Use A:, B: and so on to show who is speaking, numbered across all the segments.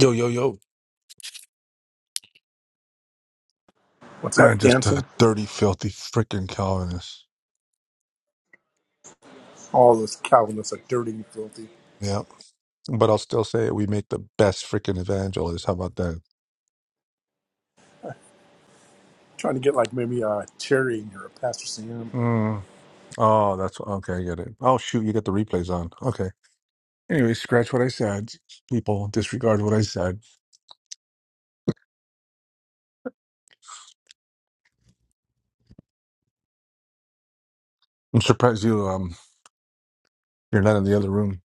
A: Yo, yo, yo.
B: What's
A: I
B: that
A: just a
B: dancing?
A: dirty, filthy freaking Calvinist.
B: All those Calvinists are dirty and filthy.
A: Yeah. But I'll still say it. We make the best freaking evangelists. How about that?
B: Trying to get like maybe a Terry in here, a Pastor Sam. But
A: Mm. Oh, that's okay. I get it. Oh, shoot. You get the replays on. Okay. Anyway, scratch what I said. People disregard what I said. I'm surprised you, um, you're not in the other room.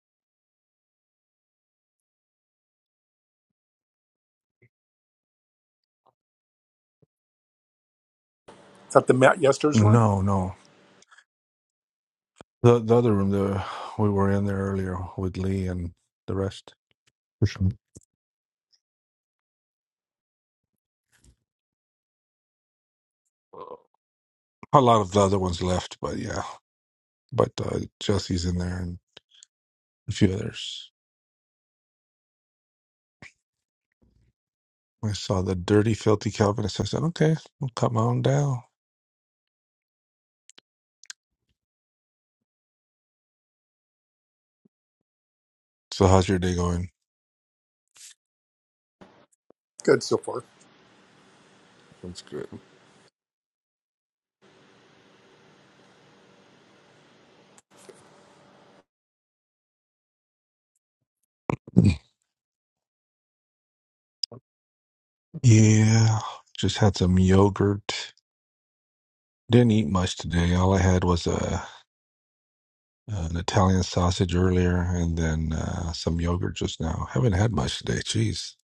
B: is that the Matt Yester's room?
A: No, no. The, the other room the, we were in there earlier with Lee and the rest. For sure. A lot of the other ones left, but yeah. But uh, Jesse's in there and a few others. I saw the dirty, filthy Calvinist. I said, okay, I'll come on down. So, how's your day going?
B: Good so far.
A: That's good. Yeah, just had some yogurt. Didn't eat much today. All I had was a, an Italian sausage earlier and then uh, some yogurt just now. Haven't had much today. Jeez.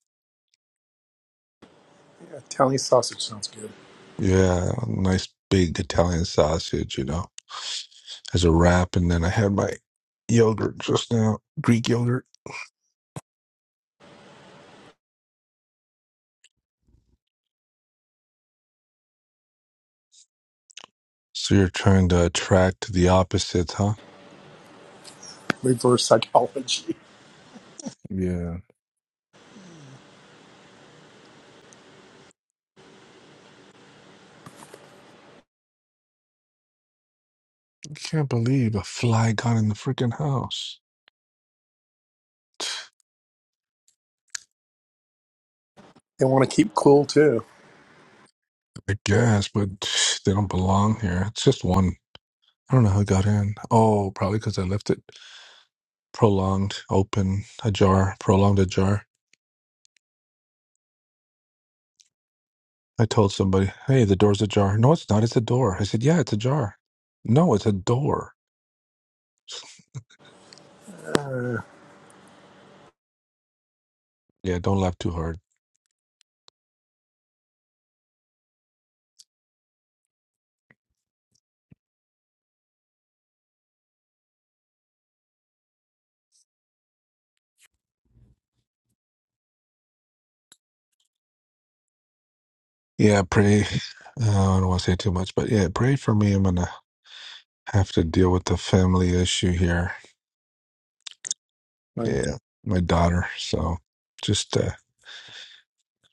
B: Yeah, Italian sausage sounds good.
A: Yeah, nice big Italian sausage, you know, as a wrap. And then I had my yogurt just now, Greek yogurt. So, you're trying to attract the opposites, huh?
B: Reverse psychology.
A: Yeah. I can't believe a fly got in the freaking house.
B: They want to keep cool too.
A: I guess, but they don't belong here. It's just one. I don't know how it got in. Oh, probably because I left it prolonged, open, ajar, prolonged ajar. I told somebody, hey, the door's ajar. No, it's not. It's a door. I said, yeah, it's ajar. No, it's a door. Yeah, don't laugh too hard. Yeah, pray. Uh, I don't want to say too much, but yeah, pray for me. I'm going to have to deal with the family issue here.
B: I mean,
A: Yeah, my daughter. So just uh,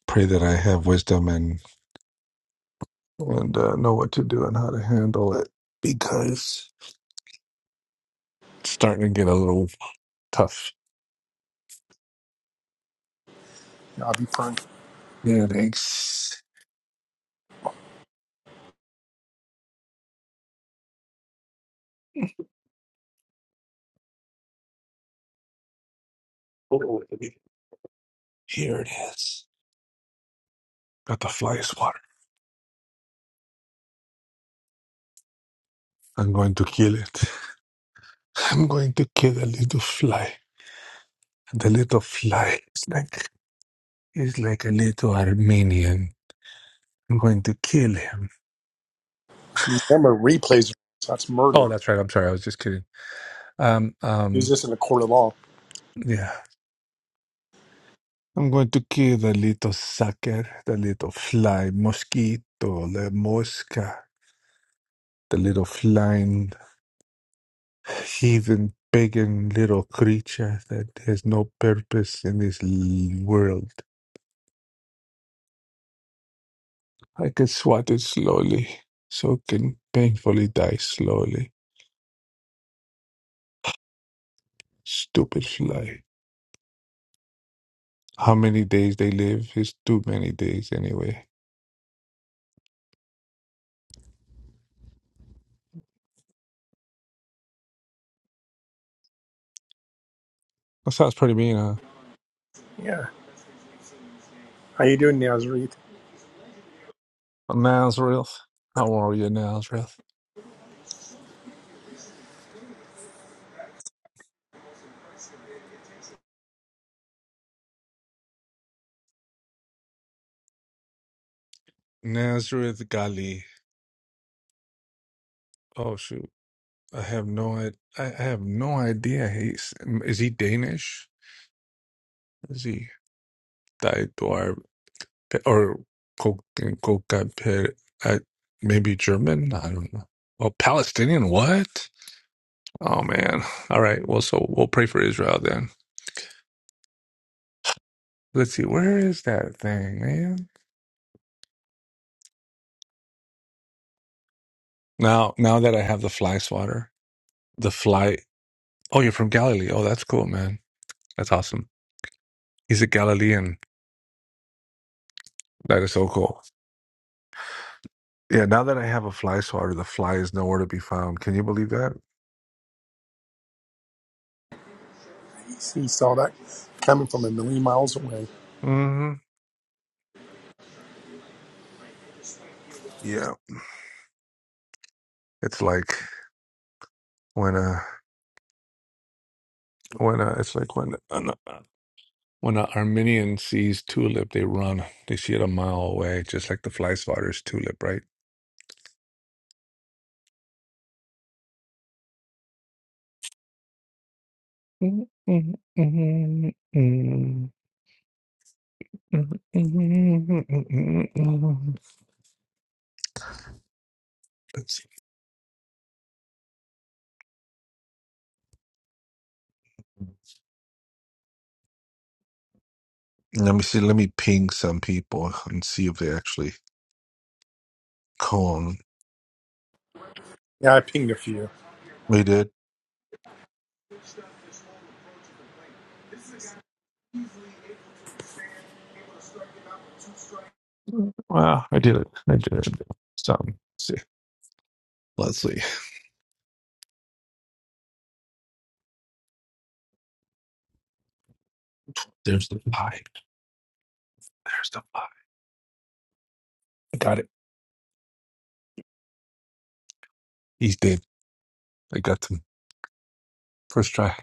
A: pray that I have wisdom and and uh, know what to do and how to handle it because it's starting to get a little tough.
B: yeah, I'll be fine.
A: Yeah, thanks. Oh, Here it is. Got the fly swatter. I'm going to kill it. I'm going to kill the little fly. The little fly. It's like it's like a little Armenian. I'm going to kill him.
B: Remember, replays, that's murder.
A: Oh, that's right. I'm sorry. I was just kidding. Um,
B: Use
A: um,
B: this in a court of law.
A: yeah. I'm going to kill the little sucker, the little fly mosquito, la mosca, the little flying heathen pagan little creature that has no purpose in this l- world. I can swat it slowly, so it can painfully die slowly. Stupid fly. How many days they live is too many days anyway. That sounds pretty mean, huh?
B: Yeah. How you doing, Nazareth?
A: Nazareth. How are you, Nazareth? Nazareth Gali. Oh shoot. I have no I, I have no idea. He's mm, is he Danish? Is he Daedwar or Kokapir? Maybe German. I don't know. Oh, Palestinian. What? Oh man. All right. Well, so we'll pray for Israel then. Let's see. Where is that thing, man? Now, now that I have the fly swatter, the fly. Oh, you're from Galilee. Oh, that's cool, man. That's awesome. He's a Galilean. That is so cool. Yeah, now that I have a fly swatter, the fly is nowhere to be found. Can you believe that?
B: He saw that coming from a million miles away.
A: hmm Yeah, it's like when a when a it's like when an, uh, when an Armenian sees tulip, they run. They see it a mile away, just like the fly swatter's tulip, right? Let's see. Let me see. Let me ping some people and see if they actually call.
B: Yeah, I pinged a few.
A: We did. Well, I did it. I did it. Some. Let's see. There's the pie. There's the pie. I got it. He's dead. I got him. First try.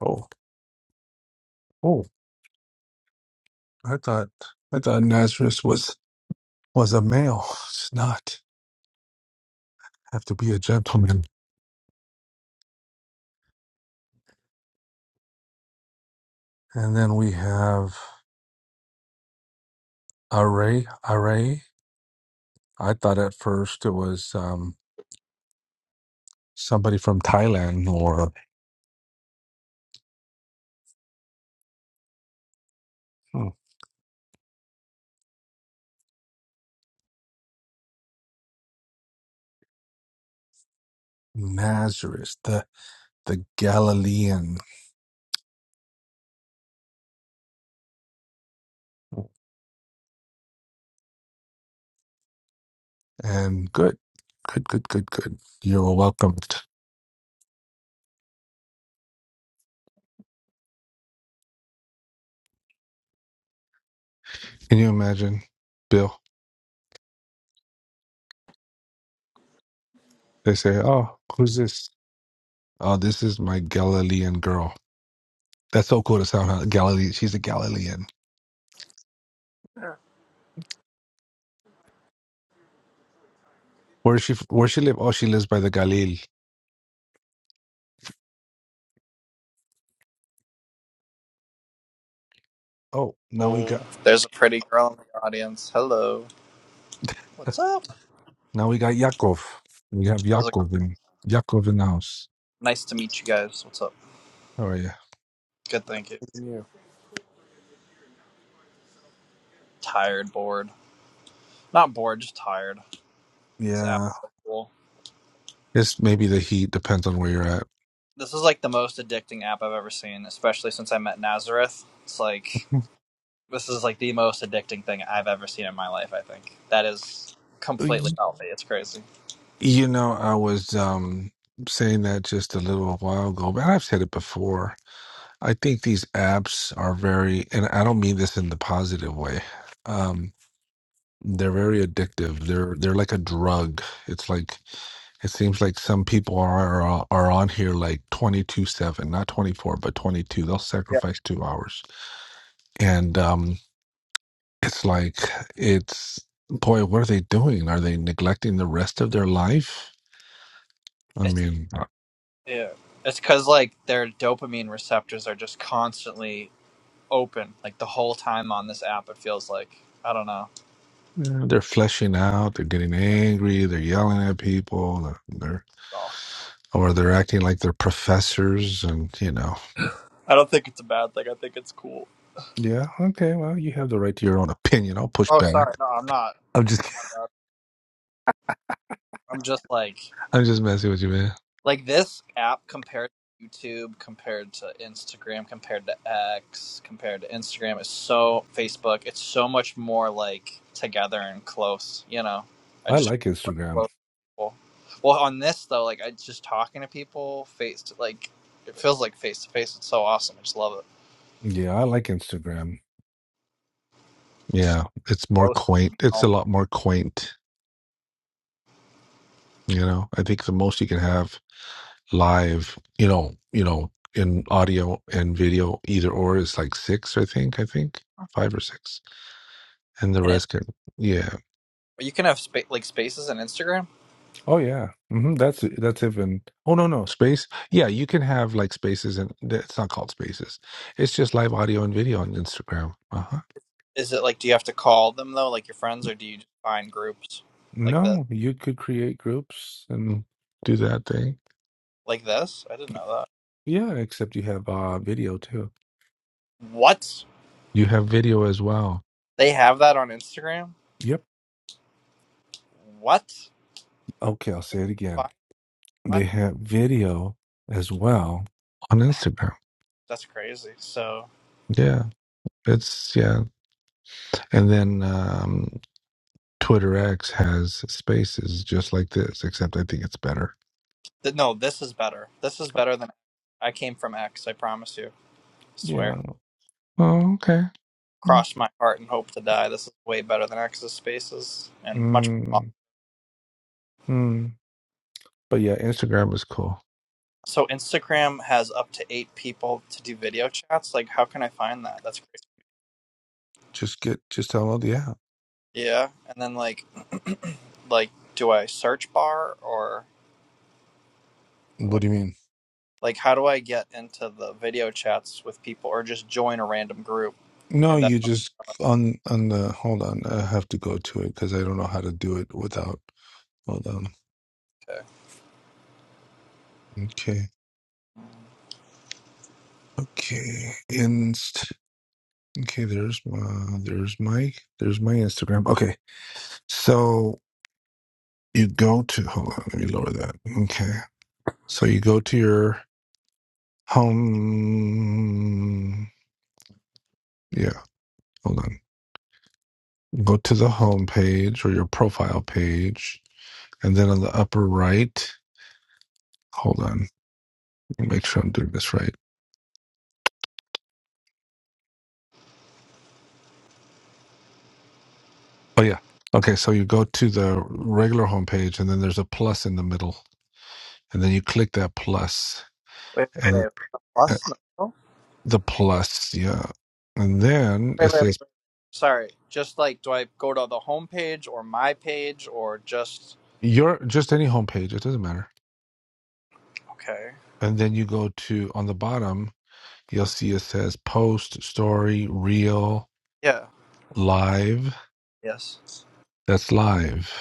A: Oh, oh! I thought I thought Nazareth was was a male. It's not. Have to be a gentleman. And then we have Array. Array. I thought at first it was um, somebody from Thailand or hmm, Nazareth. The the Galilean. And good, good, good, good, good. You're welcomed. Can you imagine, Bill? They say, "Oh, who's this? Oh, this is my Galilean girl." That's so cool to sound huh? Galilee. She's a Galilean. Where does she? f- Where she live? Oh, she lives by the Galil. Oh, now we
C: Oh,
A: got
C: there's a pretty girl in the audience. Hello. What's up?
A: now we got Yaakov. We have
C: How's it going?
A: Yaakov in Yaakov in the house.
C: Nice to meet you guys. What's up?
A: How are you?
C: Good, thank you.
B: Yeah.
C: Tired, bored. Not bored, just tired. This app
A: Yeah,
C: is so cool.
A: it's maybe the heat depends on where you're
C: This is like the most addicting app I've ever seen, especially since I met Nazareth. It's like this is like the most addicting thing I've ever seen in my life, I think. That is
A: at.
C: completely healthy. It's crazy.
A: You know, I was um, saying that just a little while ago, but I've said it before. I think these apps are very, and I don't mean this in the positive way. Um, they're very addictive. They're they're like a drug. It's like it seems like some people are are, are on here like twenty 7 not 24, but 22. They'll
C: Yeah.
A: sacrifice 2 hours. And um it's like it's boy, what are they doing? Are they neglecting the rest of their life? I
C: It's
A: mean,
C: yeah. It's cuz like their dopamine receptors are just constantly open like the whole time on this app. It feels like I don't know.
A: Yeah, they're fleshing out. They're getting angry. They're yelling at people. They're, they're
C: So
A: or they're acting like they're professors, and you know.
C: I don't think it's a bad thing. I think it's cool.
A: Yeah. Okay. Well, you have the right to your own opinion. I'll push
C: Oh,
A: back.
C: sorry, no, I'm not.
A: I'm just
C: Uh, I'm just like
A: I'm just messing with you, man.
C: like this app compared to YouTube, compared to Instagram, compared to X, compared to Instagram. It's so Facebook. It's so much more like together and close. You know, I
A: I
C: just
A: like
C: feel
A: Instagram.
C: close to people. Well, on this though, like I just talking to people face to like. It feels like face to face. It's so awesome. I just love it.
A: Yeah, I like Instagram.
C: It's so
A: Yeah, it's more
C: close.
A: quaint. It's a lot more quaint. You know, I think the most you can have live, you know, you know, in audio and video, either or is like six. I think. I think five or six, and the
C: And it's
A: rest can. Yeah
C: you can have spa- like spaces on Instagram.
A: Oh yeah, hmm that's that's even. Oh no, no space. Yeah, you can have like spaces, and it's not called spaces. It's just live audio and video on Instagram. Uh huh.
C: Is it like do you have to call them though, like your friends, or do you just find groups like the
A: No, you could create groups and do that thing.
C: like this? I didn't know that.
A: Yeah, except you have uh video too.
C: What
A: You have video as well.
C: they have that on Instagram?
A: Yep.
C: What?
A: Okay, I'll say it again.
C: Fine. What?
A: They have video as well on Instagram.
C: That's crazy. So
A: Yeah, it's yeah, and then um, Twitter X has spaces just like this, except I think it's better
C: th- no, this is better. This is better than I came from X. I promise you. swear.
A: Yeah. Oh, okay. Mm.
C: Cross my heart and hope to die. This is way better than X's spaces and much more. pop-
A: Mm. mm. But yeah, Instagram is cool.
C: So Instagram has up to eight people to do video chats. Like, how can I find that? That's crazy.
A: Just get just download the app.
C: Yeah, and then like like do I search bar or, or
A: What
C: like
A: do you mean?
C: like how do I get into the video chats with people or just join a random group?
A: No,
C: And that
A: you just on on the hold on. I have to go to it because I don't know how to do it without. Hold on. Okay. Okay. Inst. Okay. There's my there's my there's my Instagram. Okay. So you go to hold on. Let me lower that. Okay. So you go to your home. Yeah. Hold on. Go to the home page or your profile page, and then on the upper right, hold on, let me make sure I'm doing this right. Oh yeah. Okay, so you go to the regular home page, and then there's a plus in the middle, and then you click that plus,
C: wait wait
A: and
C: wait
A: uh,
C: plus no
A: the plus, yeah, and then it
C: wait wait
A: says
C: wait. sorry just like do I go to the home page or my page or just
A: your just any home page, it doesn't matter.
C: okay
A: And then you go to on the bottom, you'll see it says post, story, reel,
C: yeah
A: live.
C: yes
A: That's live.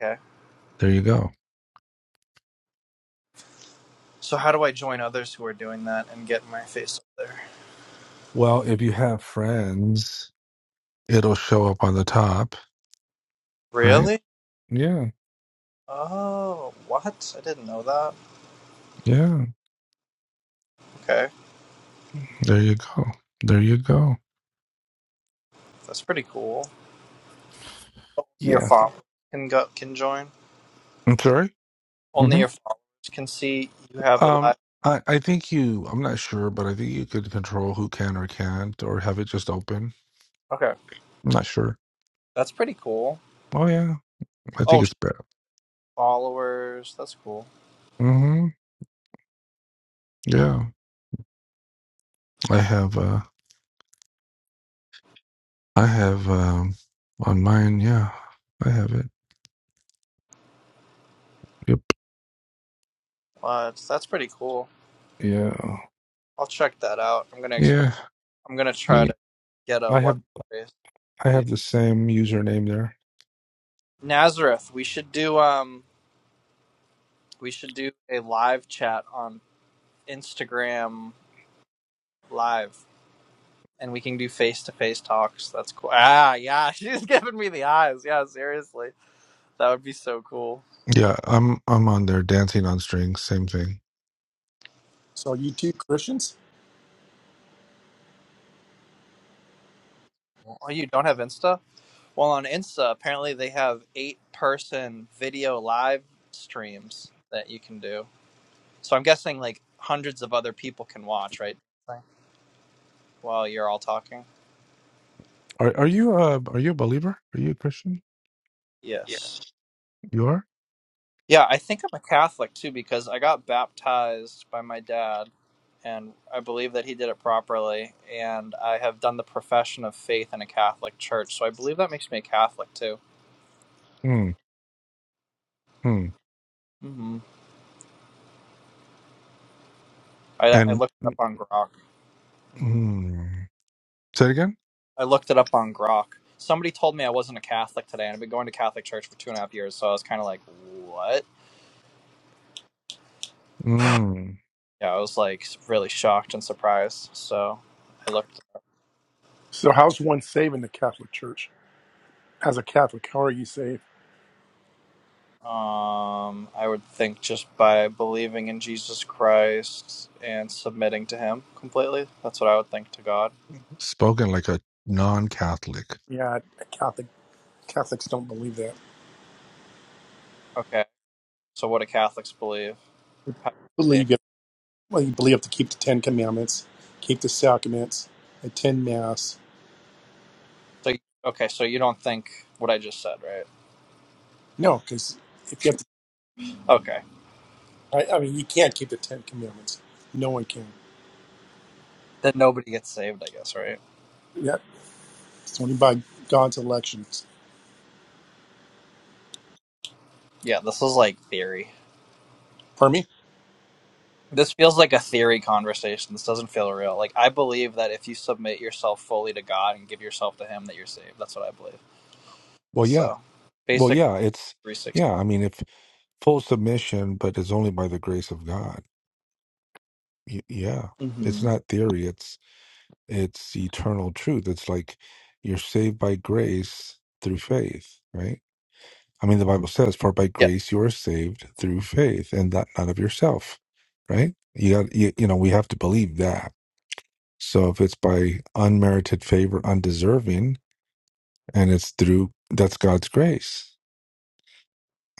C: okay
A: There you go
C: so how do I join others who are doing that and get my face up there?
A: Well, if you have friends, it'll show up on the top, right?
C: Really?
A: Yeah.
C: Oh, what? I didn't know that.
A: Yeah.
C: Okay,
A: There you go. There you go.
C: that's pretty cool. your
A: Yeah.
C: followers can go can join.
A: I'm sorry?
C: Only
A: hmm
C: your followers can see you have a
A: Um,
C: live.
A: I, I think you, I'm not sure, but I think you could control who can or can't or have it just open.
C: Okay,
A: I'm not sure.
C: that's pretty cool.
A: Oh, yeah. I think
C: Oh, sh-
A: it's better.
C: followers, that's cool.
A: hmm Yeah. I have, uh, I have, um, on mine. Yeah. I have it. Yep.
C: What? That's pretty cool.
A: Yeah.
C: I'll check that out. I'm gonna experiment.
A: Yeah.
C: I'm gonna try
A: y-
C: to get a
A: I
C: what
A: have,
C: face.
A: I
C: Dude.
A: have the same username there.
C: Nazareth. We should do um. We should do a live chat on Instagram live, and we can do face to face talks. That's cool. Ah, yeah. She's giving me the eyes. Yeah, seriously, that would be so cool.
A: Yeah, I'm I'm on there dancing on strings, same thing.
B: So you two Christians?
C: Oh, you don't have Insta? Well, on Insta, apparently they have eight person video live streams that you can do. So I'm guessing like hundreds of other people can watch, right? Right. While you're all talking.
A: Are are you uh are you a believer? Are you a Christian? Yeah.
C: Yes.
A: You are?
C: Yeah, I think I'm a Catholic too because I got baptized by my dad and I believe that he did it properly and I have done the profession of faith in a Catholic church. So I believe that makes me a Catholic too.
A: Mm, mm.
C: hmm I, I
A: And
C: looked it up on Grok. hmm
A: mm, say it again?
C: I looked it up on Grok. Somebody told me I wasn't a Catholic today, and I've been going to Catholic church for two and a half years, so I was kind of like, what?
A: Mm.
C: Yeah, I was like really shocked and surprised. So I looked.
B: So how's one saving the Catholic Church? As a Catholic, how are you safe?
C: Um, I would think just by believing in Jesus Christ and submitting to Him completely. That's what I would think to God.
A: Spoken like a non-Catholic.
B: Yeah, Catholic Catholics don't believe that.
C: Okay. So what do Catholics believe? How do you say?
B: Believe you, well, you believe you have to keep the Ten Commandments, keep the sacraments, attend Mass.
C: So okay, so you don't think what I just said, right?
B: No, because if you have to,
C: Okay.
B: I, I mean, you can't keep the Ten Commandments. No one can.
C: Then nobody gets saved, I guess, right?
B: Yeah, it's only by God's elections.
C: Yeah, this is like theory.
B: Pardon me?
C: This feels like a theory conversation. This doesn't feel real. Like I believe that if you submit yourself fully to God and give yourself to Him, that you're saved. That's what I believe.
A: Well, yeah.
C: So,
A: Well,
C: basic
A: yeah, it's
C: three sixty.
A: yeah, I mean if full submission, but it's only by the grace of God. Y- yeah. It's
C: Mm-hmm.
A: not theory, it's it's eternal truth. It's like you're saved by grace through faith, right? I mean, the Bible says, "For by
C: Yep.
A: grace you are saved through faith, and that not of yourself." Right? You got you, you know we have to believe that. So if it's by unmerited favor, undeserving, and it's through that's God's grace,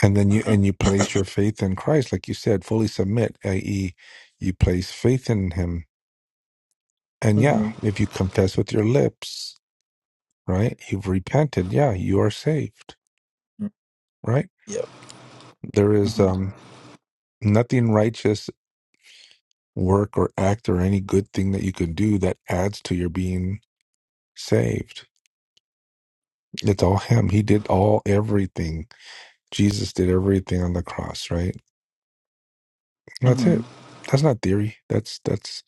A: and then you and you place
C: Mm-hmm.
A: your faith in Christ, like you said, fully submit, i.e., you place faith in Him. And yeah,
C: Mm-hmm.
A: if you confess with your lips, right, you've repented. Yeah, you are saved. Right?
C: Yep.
A: There is
C: hmm
A: um, nothing righteous work or act or any good thing that you can do that adds to your being saved. It's all Him. He did all everything. Jesus did everything on the cross, right? That's
C: hmm
A: it. That's not theory. That's that's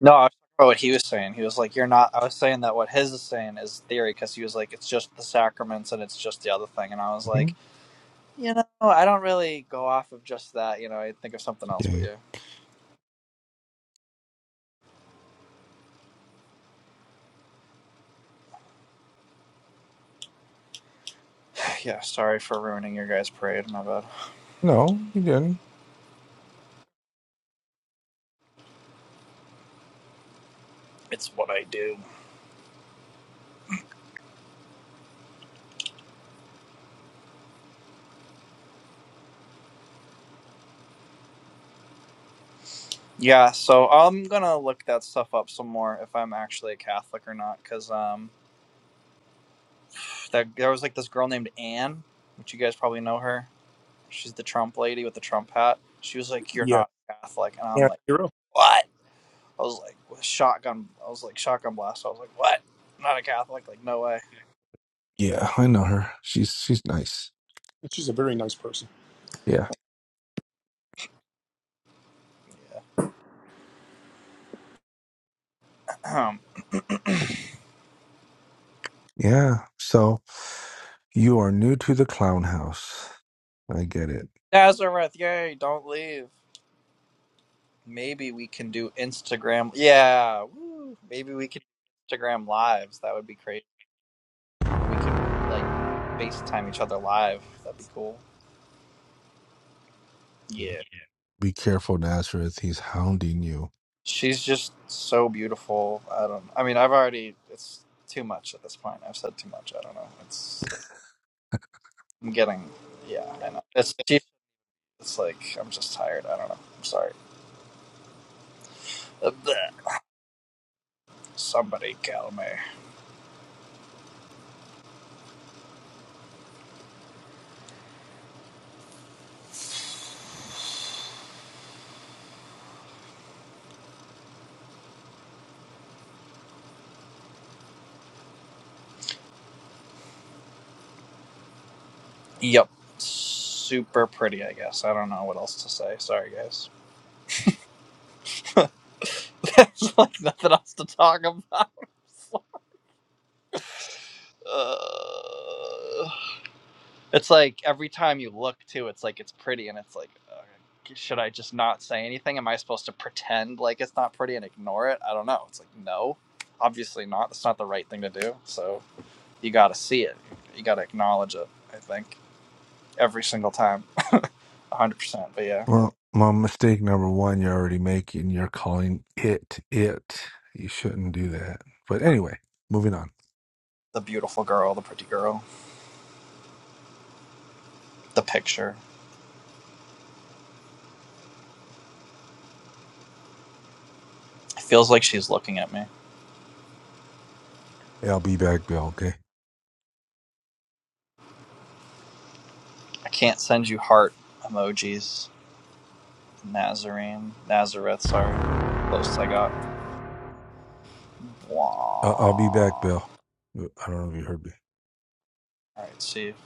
C: No, I was talking about what he was saying. He was like, "You're not." I was saying that what his is saying is theory because he was like, "It's just the sacraments and it's just the other thing," and I was like,
A: mhm,
C: "You know, I don't really go off of just that. You know, I think of something else." But
A: yeah.
C: yeah, yeah. Sorry for ruining your guys' parade. My bad.
A: No, he didn't.
C: It's what I do. Yeah, so I'm gonna look that stuff up some more if I'm actually a Catholic or not, because um, that, there was like this girl named Anne, which you guys probably know her. She's the Trump lady with the Trump hat. She was like, "You're
B: Yeah,
C: not Catholic," and I'm
B: and
C: like,
B: hero?
C: "What?" I was like, "Shotgun." I was like, "Shotgun blast." I was like, "What?" I'm not a Catholic. Like, no way.
A: Yeah, I know her. She's she's nice.
B: She's a very nice person.
A: Yeah, yeah. So you are new to the clown house. I get it.
C: Nazareth, yay! Don't leave. Maybe we can do Instagram. Yeah, woo. maybe we can do Instagram lives. That would be crazy. we could like FaceTime each other live. That'd be cool. Yeah.
A: Be careful, Nazareth. He's hounding you.
C: She's just so beautiful. I don't. I mean, I've already. It's too much at this point. I've said too much. I don't know. It's. I'm getting. Yeah, I know. It's cheap. It's like I'm just tired. I don't know. I'm sorry. Uh, Somebody call me. Yep. Super pretty. I guess. I don't know what else to say. Sorry, guys. There's like nothing else to talk about. uh... It's like every time you look too, it's like it's pretty, and it's like, uh, should I just not say anything? Am I supposed to pretend like it's not pretty and ignore it? I don't know. It's like no, obviously not. That's not the right thing to do. So you got to see it. You got to acknowledge it. I think every single time, one hundred percent. But yeah,
A: Well, my mistake number one you're already making. You're calling it it. You shouldn't do that. But anyway, moving on.
C: the beautiful girl, the pretty girl, the picture. It feels like she's looking at me.
A: Hey, I'll be back, Bill. Okay.
C: I can't send you heart emojis. Nazarene, Nazareth. Sorry, close I got.
A: Uh, I'll be back,
C: Wah.
A: Bill. I don't know if you heard me.
C: Alright, see if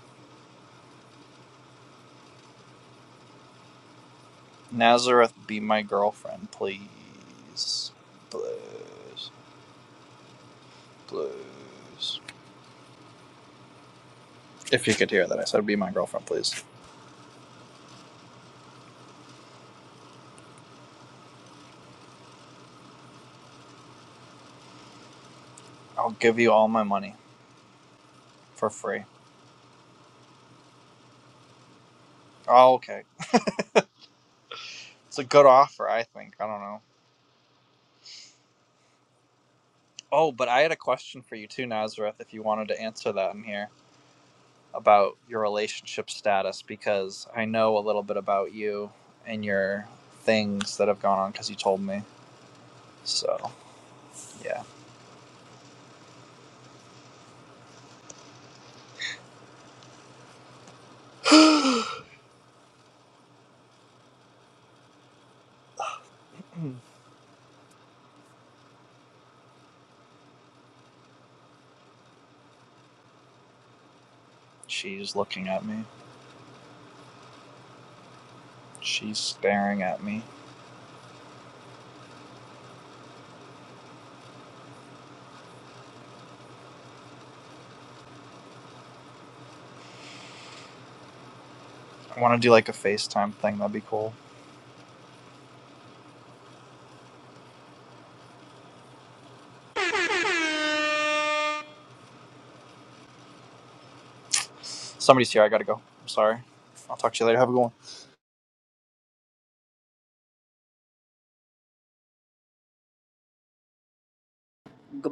C: Nazareth be my girlfriend, please. Please. Please. If you could hear that, I said be my girlfriend, please. I'll give you all my money for free. Oh, okay. It's a good offer, I think. I don't know. Oh, but I had a question for you too, Nazareth, if you wanted to answer that in here about your relationship status, because I know a little bit about you and your things that have gone on because you told me. So, yeah. She's looking at me. She's staring at me. I want to do like a FaceTime thing. That'd be cool. Somebody's here. I gotta go. I'm sorry. I'll talk to you later. Have a good one. Goodbye.